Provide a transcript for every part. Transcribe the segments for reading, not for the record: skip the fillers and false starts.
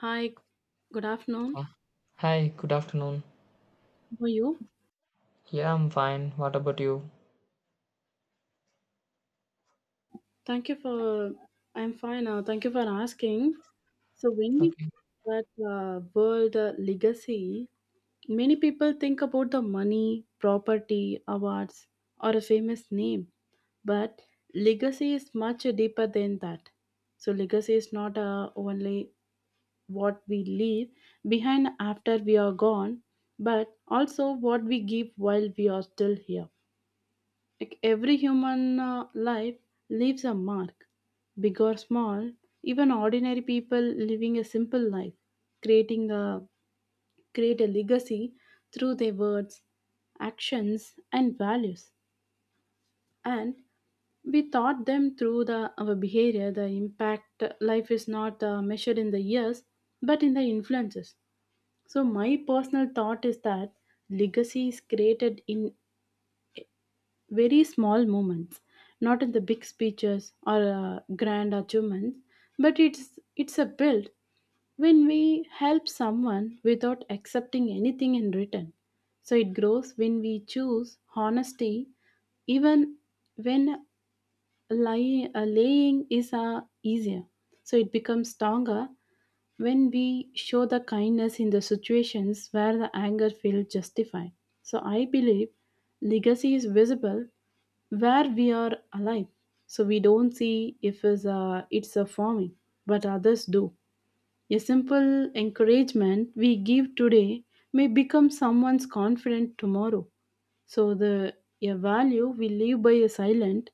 Hi, good Uh, afternoon. Hi, good afternoon. How are you? Yeah, I'm fine. What about you? Thank you for, I'm fine now. Thank you for asking. So, when we Okay. talk about world legacy, many people think about the money, property, awards, or a famous name. But legacy is much deeper than that. So, legacy is not only what we leave behind after we are gone, but also what we give while we are still here. Like every human life leaves a mark, big or small. Even ordinary people living a simple life, creating a create a legacy through their words, actions, and values. And we taught them through the our behavior. The impact life is not measured in the years, but in the influences. So my personal thought is that legacy is created in very small moments, not in the big speeches or grand achievements, but it's a build when we help someone without accepting anything in return. So it grows when we choose honesty, even when lying, laying is easier. So it becomes stronger when we show the kindness in the situations where the anger feels justified. So I believe legacy is visible where we are alive. So we don't see if it's a forming, but others do. A simple encouragement we give today may become someone's confident tomorrow. So the a value we live by is silent.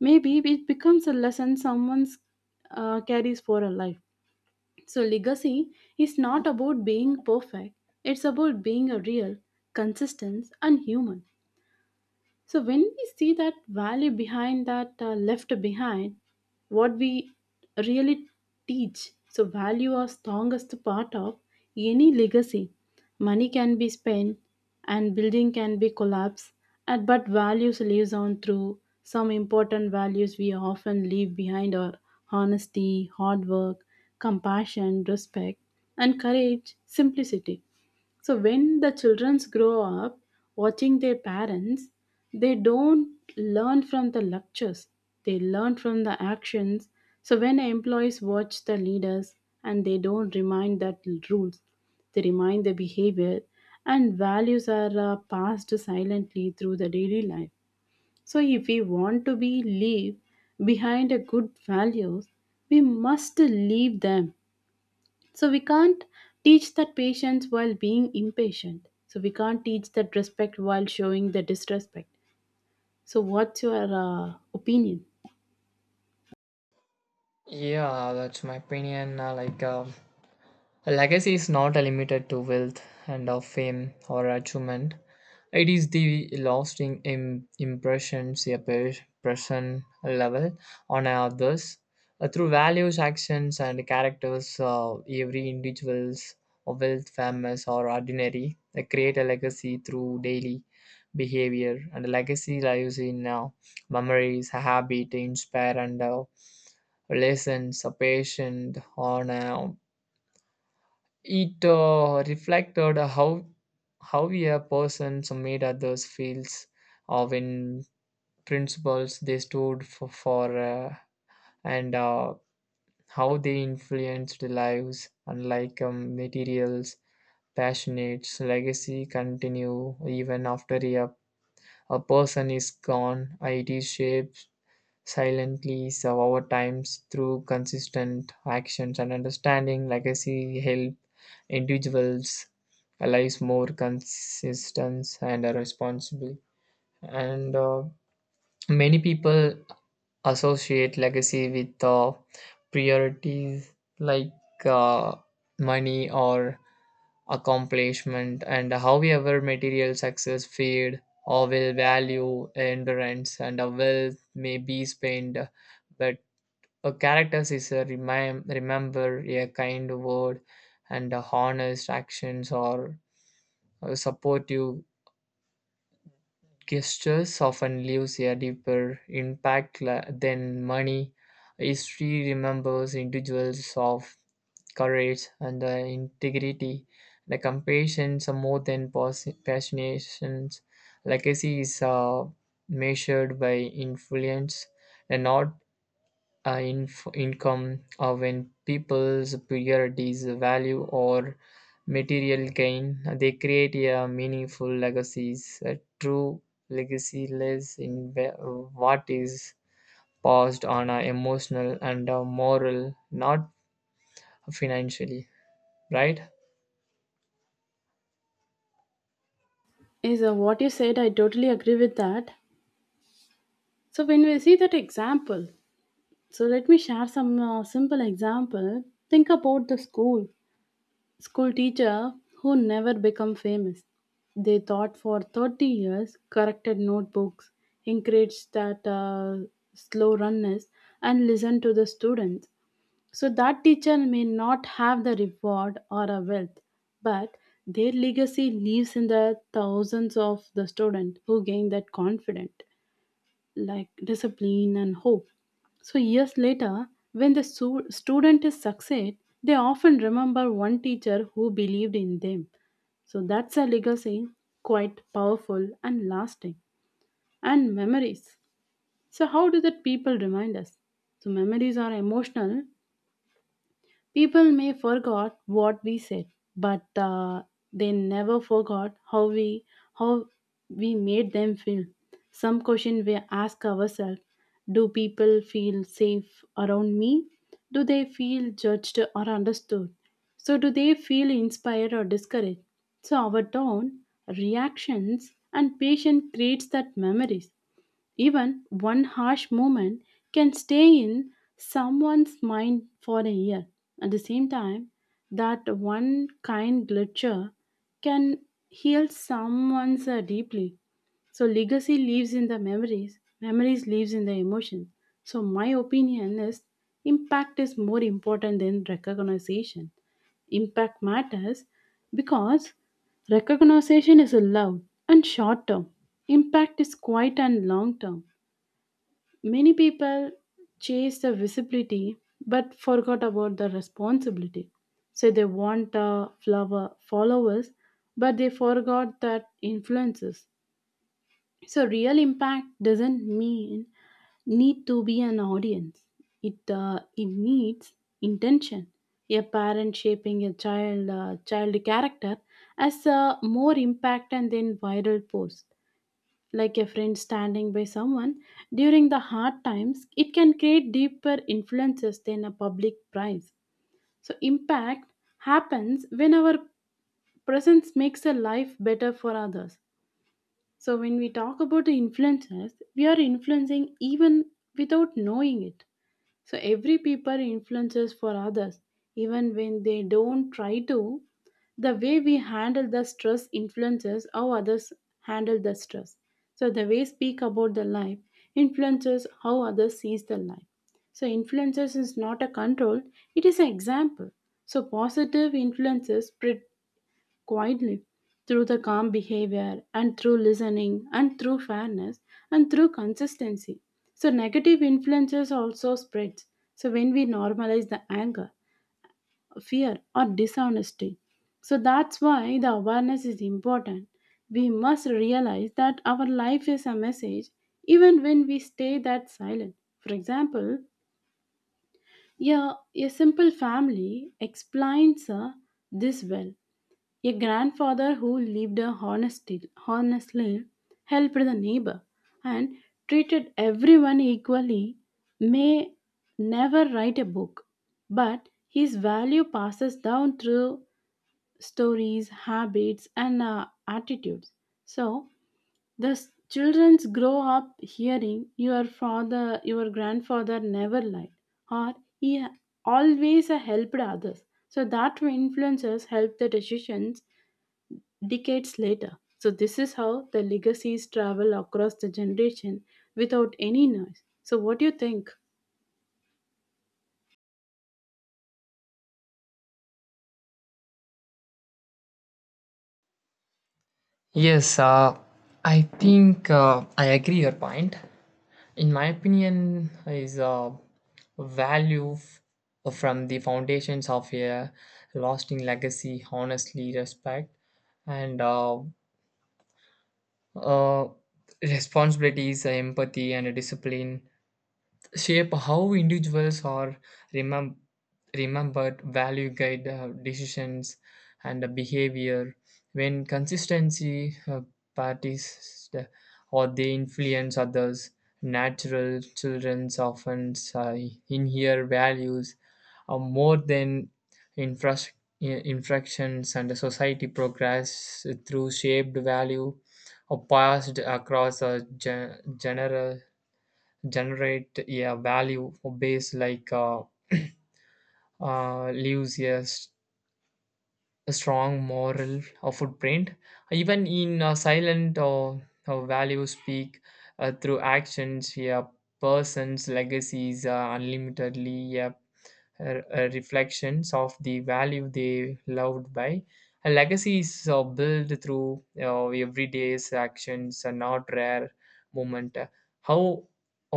Maybe it becomes a lesson someone carries for a life. So legacy is not about being perfect. It's about being a real, consistent, and human. So when we see that value behind that left behind, what we really teach, so value are strongest part of any legacy. Money can be spent and building can be collapsed, but values lives on through some important values we often leave behind are honesty, hard work, compassion, respect, and courage, simplicity. So when the childrens grow up watching their parents, they don't learn from the lectures. They learn from the actions. So when employees watch the leaders and they don't remind that rules, they remind the behavior and values are passed silently through the daily life. So if we want to be leave behind a good values, we must leave them so we can't teach that patience while being impatient. So we can't teach that respect while showing the disrespect. So what's your opinion? Yeah, that's my opinion. A Legacy is not limited to wealth and of fame or achievement. It is the lasting impressions a person level on others through values, actions, and characters. Every individual's wealth, famous or ordinary, they create a legacy through daily behavior. And legacy lives in memories, habit, inspire, and lessons, a patient, honor, it reflected how a person made others feels when principles they stood for, and how they influenced lives unlike materials passionates legacy continue even after a person is gone. It shapes silently, so over times through consistent actions and understanding legacy help individuals lives more consistent and responsible, and many people associate legacy with priorities like uh, money or accomplishment. And however material success fade or will value endurance, and a wealth may be spent, but a characters is a remember a kind word and a honest actions or supportive gestures often leaves a deeper impact than money. History remembers individuals of courage and the integrity. The compassions are more than passionations. Legacy is measured by influence and not income, or when people's priorities value or material gain, they create a meaningful legacies. A true legacy lives in what is passed on a emotional and a moral, not financially, right? Is what you said? I totally agree with that. So when we see that example, so let me share some simple example. Think about the school teacher who never become famous. They taught for 30 years, corrected notebooks, encouraged that slow runners, and listened to the students. So that teacher may not have the reward or a wealth, but their legacy lives in the thousands of the students who gain that confidence, like discipline and hope. So years later, when the student is succeed, they often remember one teacher who believed in them. So that's a legacy, quite powerful and lasting. And memories. So how do the people remind us? So memories are emotional. People may forgot what we said, but they never forgot how we made them feel. Some question we ask ourselves: Do people feel safe around me? Do they feel judged or understood? So do they feel inspired or discouraged? So our tone, reactions, and patience creates that memories. Even one harsh moment can stay in someone's mind for a year. At the same time, that one kind glitcher can heal someone's deeply. So legacy lives in the memories, memories lives in the emotion. So my opinion is impact is more important than recognition. Impact matters because recognition is a loud and short term. Impact is quiet and long term. Many people chase the visibility but forgot about the responsibility. So they want flower followers, but they forgot that influences. So real impact doesn't mean need to be an audience. It needs intention. A parent shaping a child character as more impact and then viral post like a friend standing by someone during the hard times, it can create deeper influences than a public prize. So, impact happens when our presence makes a life better for others. So, when we talk about the influences, we are influencing even without knowing it. So every people influences for others, even when they don't try to. The way we handle the stress influences how others handle the stress. So the way speak about the life influences how others sees the life. So influences is not a control; it is an example. So positive influences spread quietly through the calm behavior and through listening and through fairness and through consistency. So negative influences also spreads. So when we normalize the anger, fear, or dishonesty. So that's why the awareness is important. We must realize that our life is a message even when we stay that silent. For example, yeah, a simple family explains this well. A grandfather who lived honestly helped the neighbor and treated everyone equally may never write a book, but his value passes down through stories, habits, and attitudes. So the childrens grow up hearing your father, your grandfather never lied, or he always helped others. So that influences help the decisions decades later. So this is how the legacies travel across the generation without any noise. So what do you think? Yes, I think I agree your point. In my opinion is a value from the foundations of a lasting legacy, honestly respect and uh, responsibilities, empathy and discipline shape how individuals are remem- remembered. Value guide decisions and behavior. When consistency parties or they influence others, natural children often inhere values more than infras- infractions, and society progress through shaped value or passed across a general generate a value for base like leaves a a strong moral or footprint even in silent or values speak through actions. A person's legacy is unlimitedly, yeah, reflections of the value they loved by. A legacy is built through everyday's actions and not rare moment. How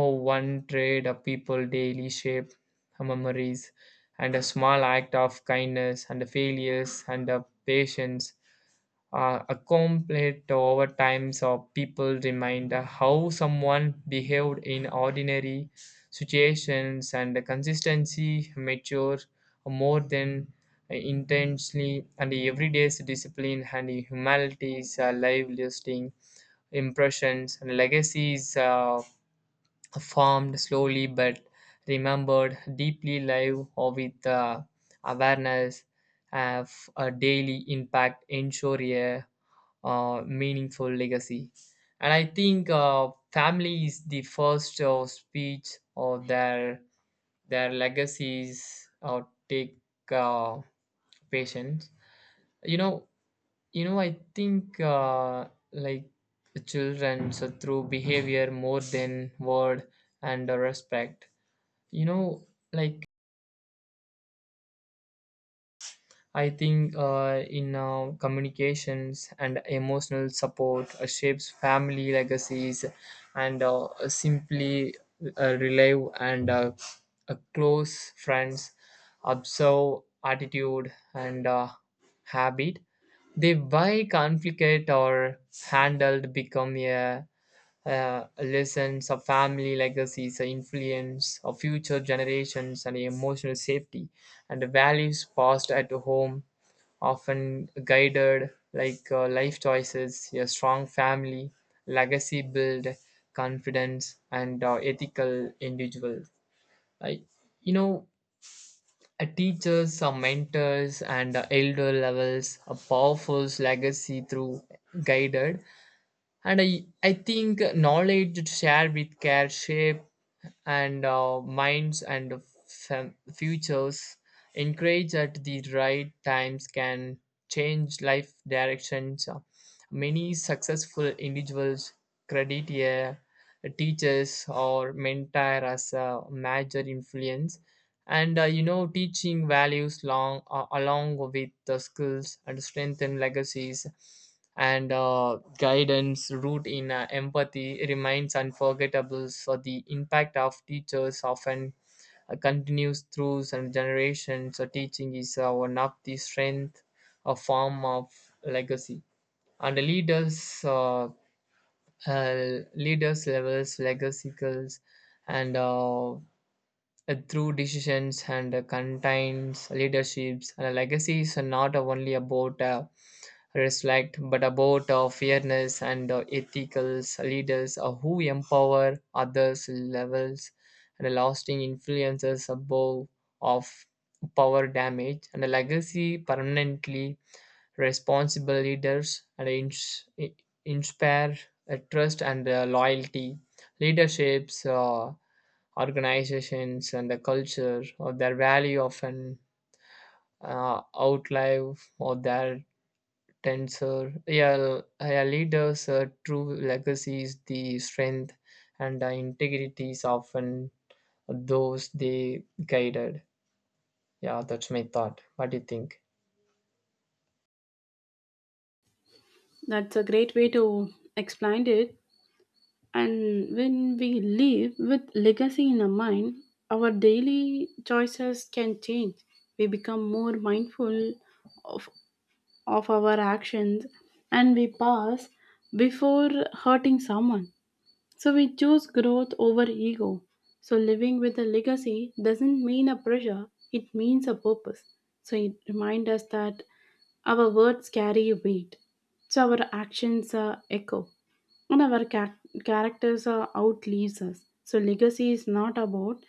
one trade a people daily shape memories and a small act of kindness and the failures and the patience a complete over time, so people remind how someone behaved in ordinary situations, and the consistency mature more than intensely, and everyday's discipline and humanity's life lasting impressions and legacies formed slowly but remembered deeply live or with the awareness of a daily impact ensure a meaningful legacy. And I think family is the first speech or their legacies or take uh, patience. you know I think children so through behavior more than word and respect. You know, like I think in communications and emotional support shapes family legacies and simply relive and close friends observe attitude and habit. They why conflict are handled become a lessons of family legacies, the influence of future generations, and emotional safety, and the values passed at home often guided like life choices. A strong family legacy build confidence and ethical individuals. Like you know, teachers, mentors, and elder levels, a powerful legacy through guided. And I think knowledge shared with care shape and minds and futures encouraged at the right times can change life directions. Many successful individuals credit a teachers or mentor as a major influence. And teaching values long along with the skills and strengthen legacies, and guidance root in empathy remains unforgettable, so the impact of teachers often continues through some generations. So teaching is one of the strength, a form of legacy. And the leaders leaders levels legacy skills and through decisions and contains leaderships, and a legacy is not only about respect but about fairness. And ethical leaders who empower others levels and lasting influences above of power damage and a legacy permanently responsible leaders and inspire trust and loyalty. Leaderships, organizations and the culture or their value often outlive or their tensor, yeah, yeah. Leaders true legacies the strength and the integrities often those they guided. Yeah, that's my thought. What do you think? That's a great way to explain it. And when we live with legacy in our mind, our daily choices can change. We become more mindful of, of our actions and we pass before hurting someone. So we choose growth over ego. So living with a legacy doesn't mean a pressure, it means a purpose. So it reminds us that our words carry weight. So our actions are echo and our characters are outlives us. So legacy is not about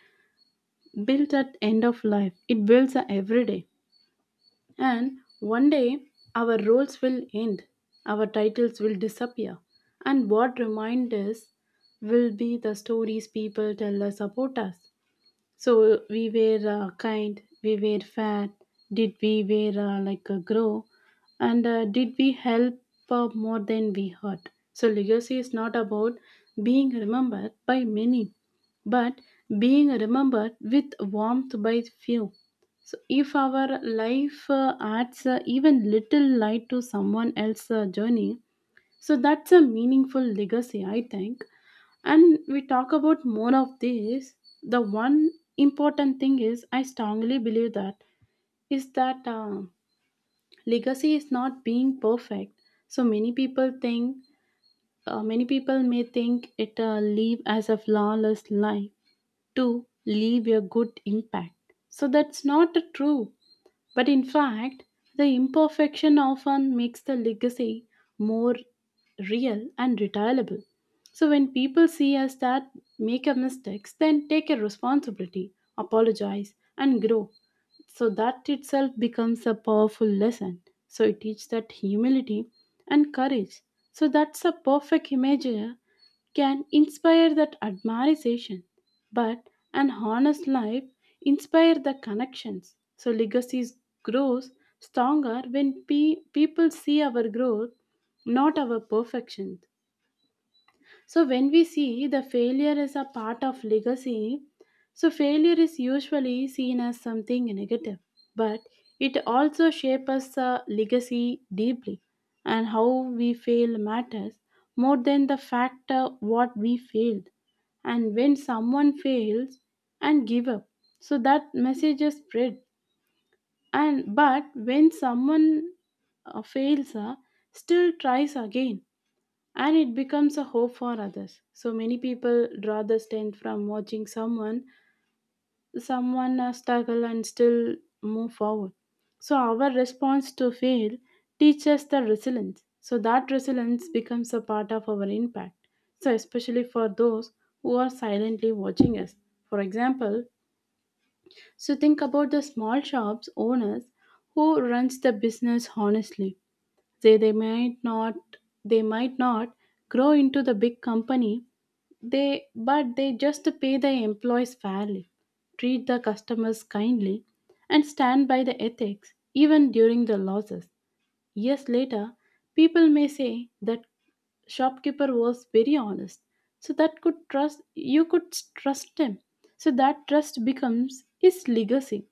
built at end of life. It builds a everyday. And one day, our roles will end, our titles will disappear, and what remind us will be the stories people tell us about us. So we were kind, we were fair. Did we were like grow, and did we help more than we hurt? So legacy is not about being remembered by many, but being remembered with warmth by few. So if our life adds even little light to someone else's journey, so that's a meaningful legacy, I think. And we talk about more of this, the one important thing is I strongly believe that is that legacy is not being perfect. So many people think many people may think it live as a flawless life to leave a good impact, so that's not true. But in fact, the imperfection often makes the legacy more real and retailable. So when people see us that make a mistakes, then take a responsibility, apologize, and grow. So that itself becomes a powerful lesson. So it teaches that humility and courage. So that's a perfect image can inspire that admiration, but an honest life inspire the connections. So legacies grows stronger when people see our growth, not our perfection. So when we see the failure as a part of legacy, so failure is usually seen as something negative, but it also shapes the legacy deeply, and how we fail matters more than the fact what we failed. And when someone fails and give up, so that message is spread. And but when someone fails, still tries again and it becomes a hope for others. So many people draw the strength from watching someone struggle and still move forward. So our response to fail teaches the resilience. So that resilience becomes a part of our impact. So especially for those who are silently watching us. For example, so think about the small shops owners who runs the business honestly. They might not they might not grow into the big company. They but they just pay the employees fairly, treat the customers kindly, and stand by the ethics even during the losses. Years later, people may say that shopkeeper was very honest, so that could trust you could trust him. So that trust becomes his legacy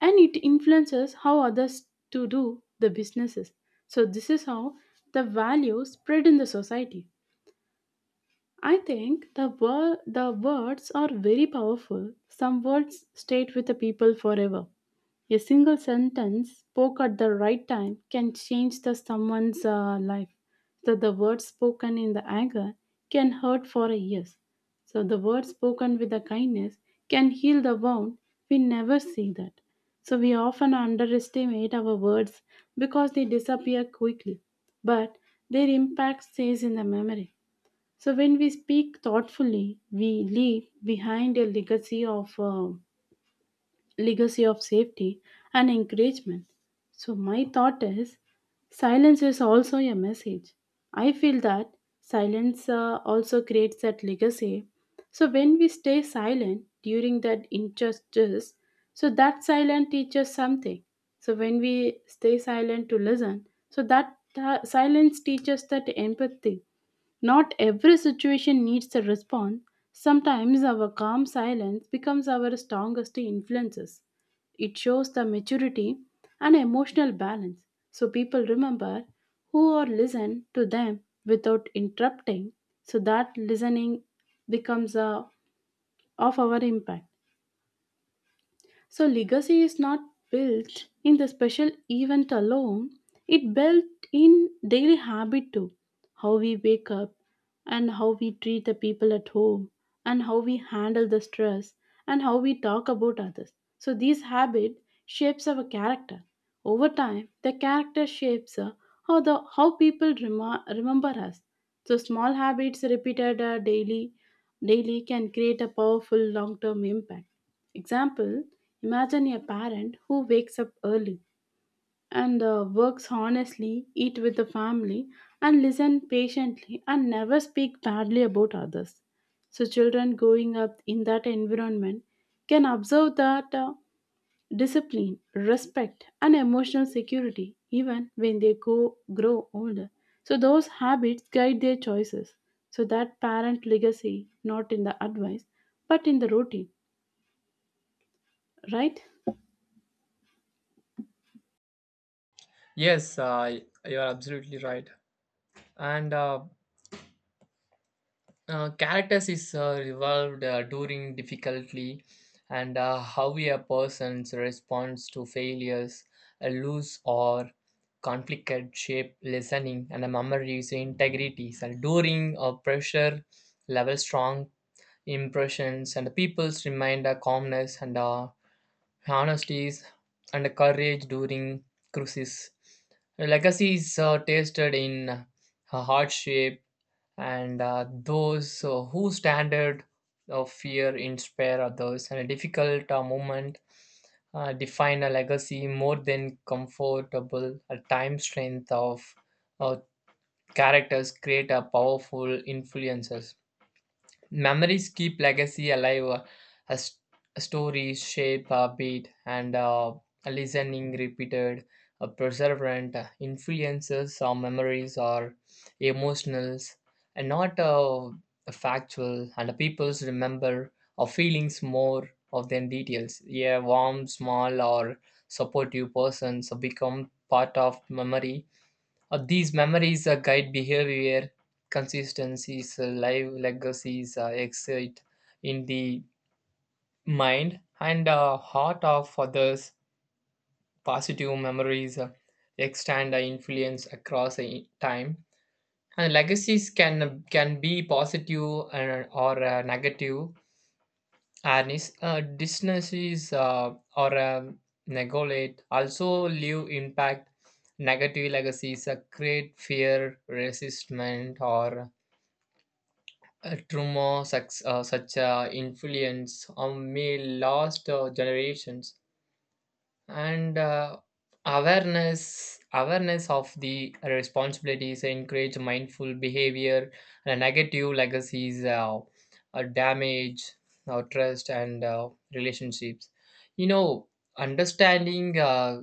and it influences how others to do the businesses. So this is how the value spread in the society. I think the the words are very powerful. Some words stay with the people forever. A single sentence spoke at the right time can change the someone's life. So the words spoken in the anger can hurt for years. So the words spoken with the kindness can heal the wound. We never see that. So we often underestimate our words because they disappear quickly, but their impact stays in the memory. So, when we speak thoughtfully, we leave behind a legacy of safety and encouragement. So, my thought is, silence is also a message. I feel that silence also creates that legacy. So, when we stay silent during that injustice, so that silence teaches something. So, when we stay silent to listen, so that silence teaches that empathy. Not every situation needs a response. Sometimes our calm silence becomes our strongest influences. It shows the maturity and emotional balance, so people remember who are listen to them without interrupting, so that listening becomes a, of our impact. So legacy is not built in the special event alone, it built in daily habit too. How we wake up, and how we treat the people at home, and how we handle the stress, and how we talk about others. So these habit shapes our character. Over time, the character shapes how the how people remember us. So small habits repeated daily can create a powerful long-term impact. Example. Imagine a parent who wakes up early and works honestly, eat with the family, and listen patiently, and never speak badly about others. So, children growing up in that environment can observe that discipline, respect, and emotional security even when they grow older. So, those habits guide their choices. So, that parent legacy, not in the advice, but in the routine, right? Yes, you're absolutely right. And characters is evolved during difficulty, and how a person's response to failures, a loose or conflicted shape, listening, and a memory's integrity. And during a pressure level, strong impressions, and people's remind a calmness and honesties and a courage during cruises. Legacy is tasted in a heart shape, and those whose standard of fear inspire others, and a difficult moment define a legacy more than comfortable a time. Strength of uh, characters create a powerful influences. Memories keep legacy alive as stories shape our beat, and a listening repeated perseverant influences our memories are emotionals and not factual, and the peoples remember our feelings more of than details. Yeah, warm small or supportive persons become part of memory. These memories guide behavior, consistencies, live legacies, exit in the mind and heart of others. Positive memories extend influence across time. And legacies can be positive and, or negative. And dissonances or negolate also leave impact. Negative legacies create fear, resistment, or trauma. Such influence on may last generations. And awareness of the responsibilities encourage mindful behavior, and negative legacies damage our trust and relationships, you know. Understanding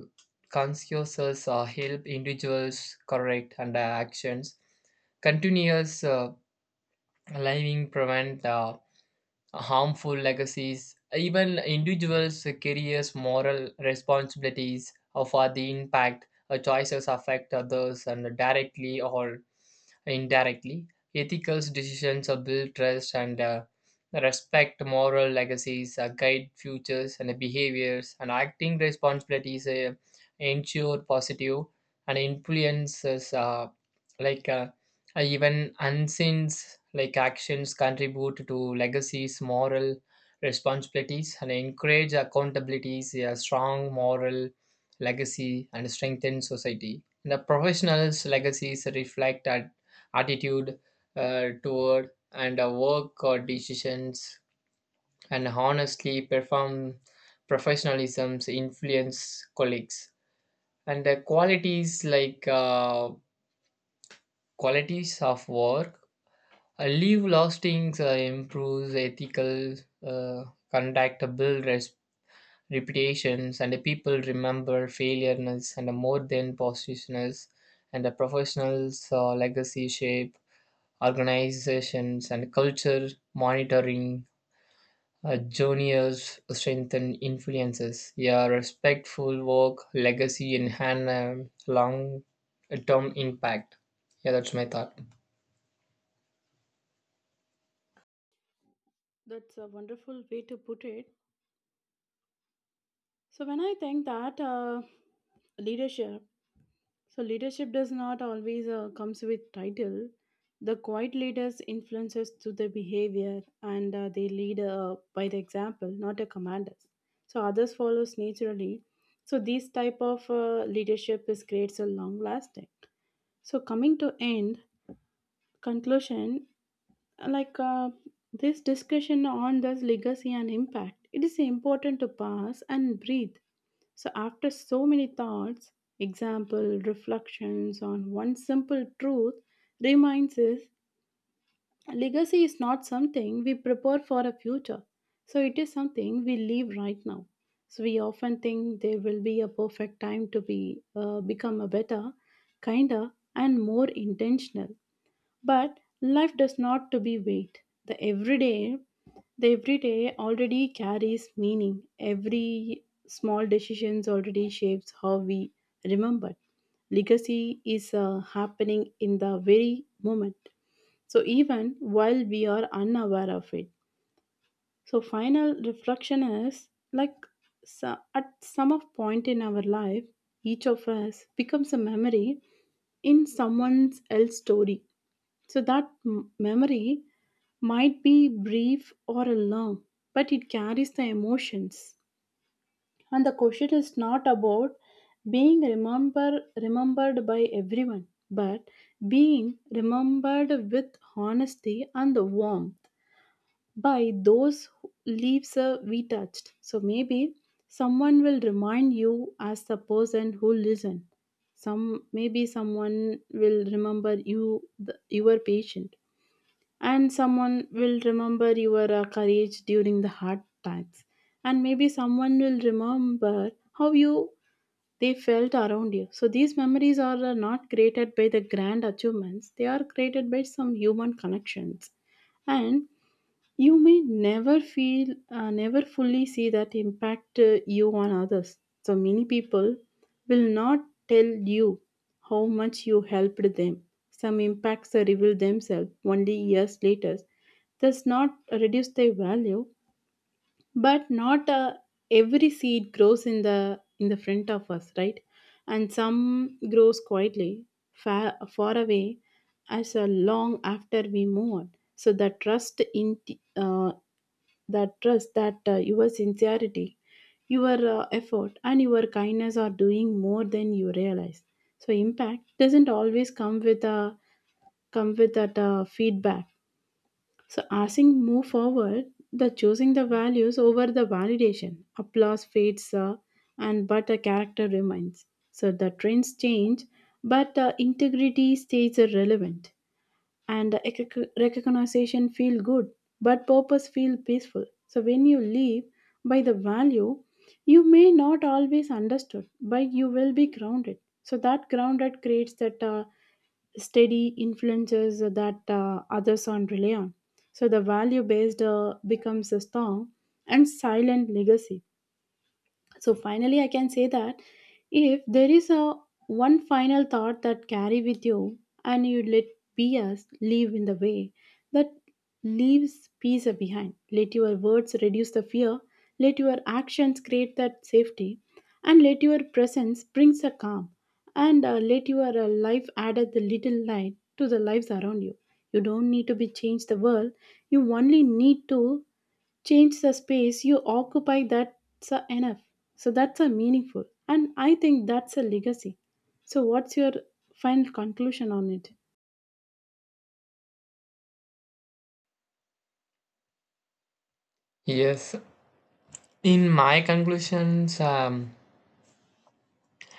consciousness help individuals correct and actions continuous living prevent harmful legacies. Even individuals carries moral responsibilities for the impact choices affect others and directly or indirectly. Ethical decisions build trust and respect moral legacies, guide futures and behaviors, and acting responsibilities ensure positive and influences like uh, even unseen like actions contribute to legacies, moral responsibilities, and encourage accountabilities, a strong moral legacy, and strengthen society. And the professionals' legacies reflect at attitude toward and work or decisions and honestly perform professionalisms influence colleagues, and the qualities like qualities of work leave lasting improves ethical uh, conduct build reputations, and the people remember failureness and more than positionness. And the professionals legacy shape organizations and culture, monitoring juniors strengthen influences, yeah, respectful work legacy and long term impact. Yeah, that's my thought. That's a wonderful way to put it. So when I think that leadership, so leadership does not always comes with title. The quiet leaders influences to the behavior, and they lead by the example, not the commanders. So others follows naturally. So this type of leadership is creates a long lasting. So coming to end conclusion, like this discussion on this legacy and impact, it is important to pause and breathe. So after so many thoughts, example reflections on one simple truth reminds us, legacy is not something we prepare for a future, so it is something we live right now. So we often think there will be a perfect time to be become a better, kinder, and more intentional, but life does not to be wait. The everyday already carries meaning. Every small decisions already shapes how we remember. Legacy is happening in the very moment. So even while we are unaware of it. So final reflection is like, so at some of point in our life, each of us becomes a memory in someone else's story. So that memory might be brief or long, but it carries the emotions. And the question is not about remembered by everyone, but being remembered with honesty and warmth by those who- leaves we touched. So maybe someone will remind you as the person who listened. Some Maybe someone will remember you, your patient, and someone will remember your courage during the hard times, and maybe someone will remember how you they felt around you. So these memories are not created by the grand achievements, they are created by some human connections. And you may never never fully see that impact you on others. So many people will not tell you how much you helped them. Some impacts are revealed themselves only years later. Does not reduce their value, but not every seed grows in the front of us, right? And some grows quietly far, far away as long after we move on. So the trust in that trust that your sincerity, your effort, and your kindness are doing more than you realize. So impact doesn't always come with that feedback. So asking move forward, the choosing the values over the validation. Applause fades and but the character remains. So the trends change, but the integrity stays relevant, and the recognition feel good, but purpose feel peaceful. So when you live by the value, you may not always understood, but you will be grounded. So that grounded creates that steady influences that others on rely on. So the value based becomes a strong and silent legacy. So finally I can say that if there is a one final thought that carry with you, and you let be us leave in the way that leaves peace behind. Let your words reduce the fear, let your actions create that safety, and let your presence brings a calm, and let your life add the little light to the lives around you. You don't need to be change the world, you only need to change the space you occupy. That's a enough. So that's a meaningful, and I think that's a legacy. So what's your final conclusion on it? Yes, in my conclusions,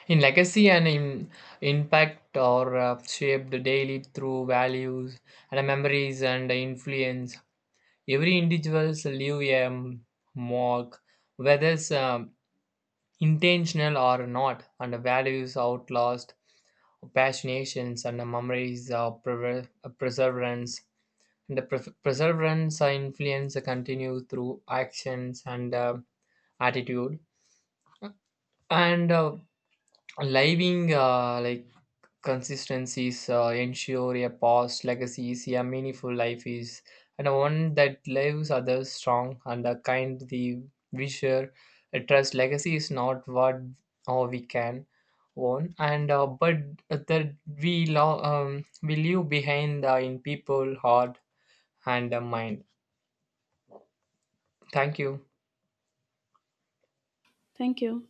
in legacy and in impact are shaped daily through values and memories and influence. Every individuals leave a mark, whether it's intentional or not, and values outlast passionations and memories of perseverance. And the perseverance influence continue through actions and attitude. And living consistencies ensure a past legacy is a meaningful life is, and one that leaves others strong and a kind, the wisher a trust legacy is not what or we can own and but that we we leave behind in people heart and mind. Thank you. Thank you.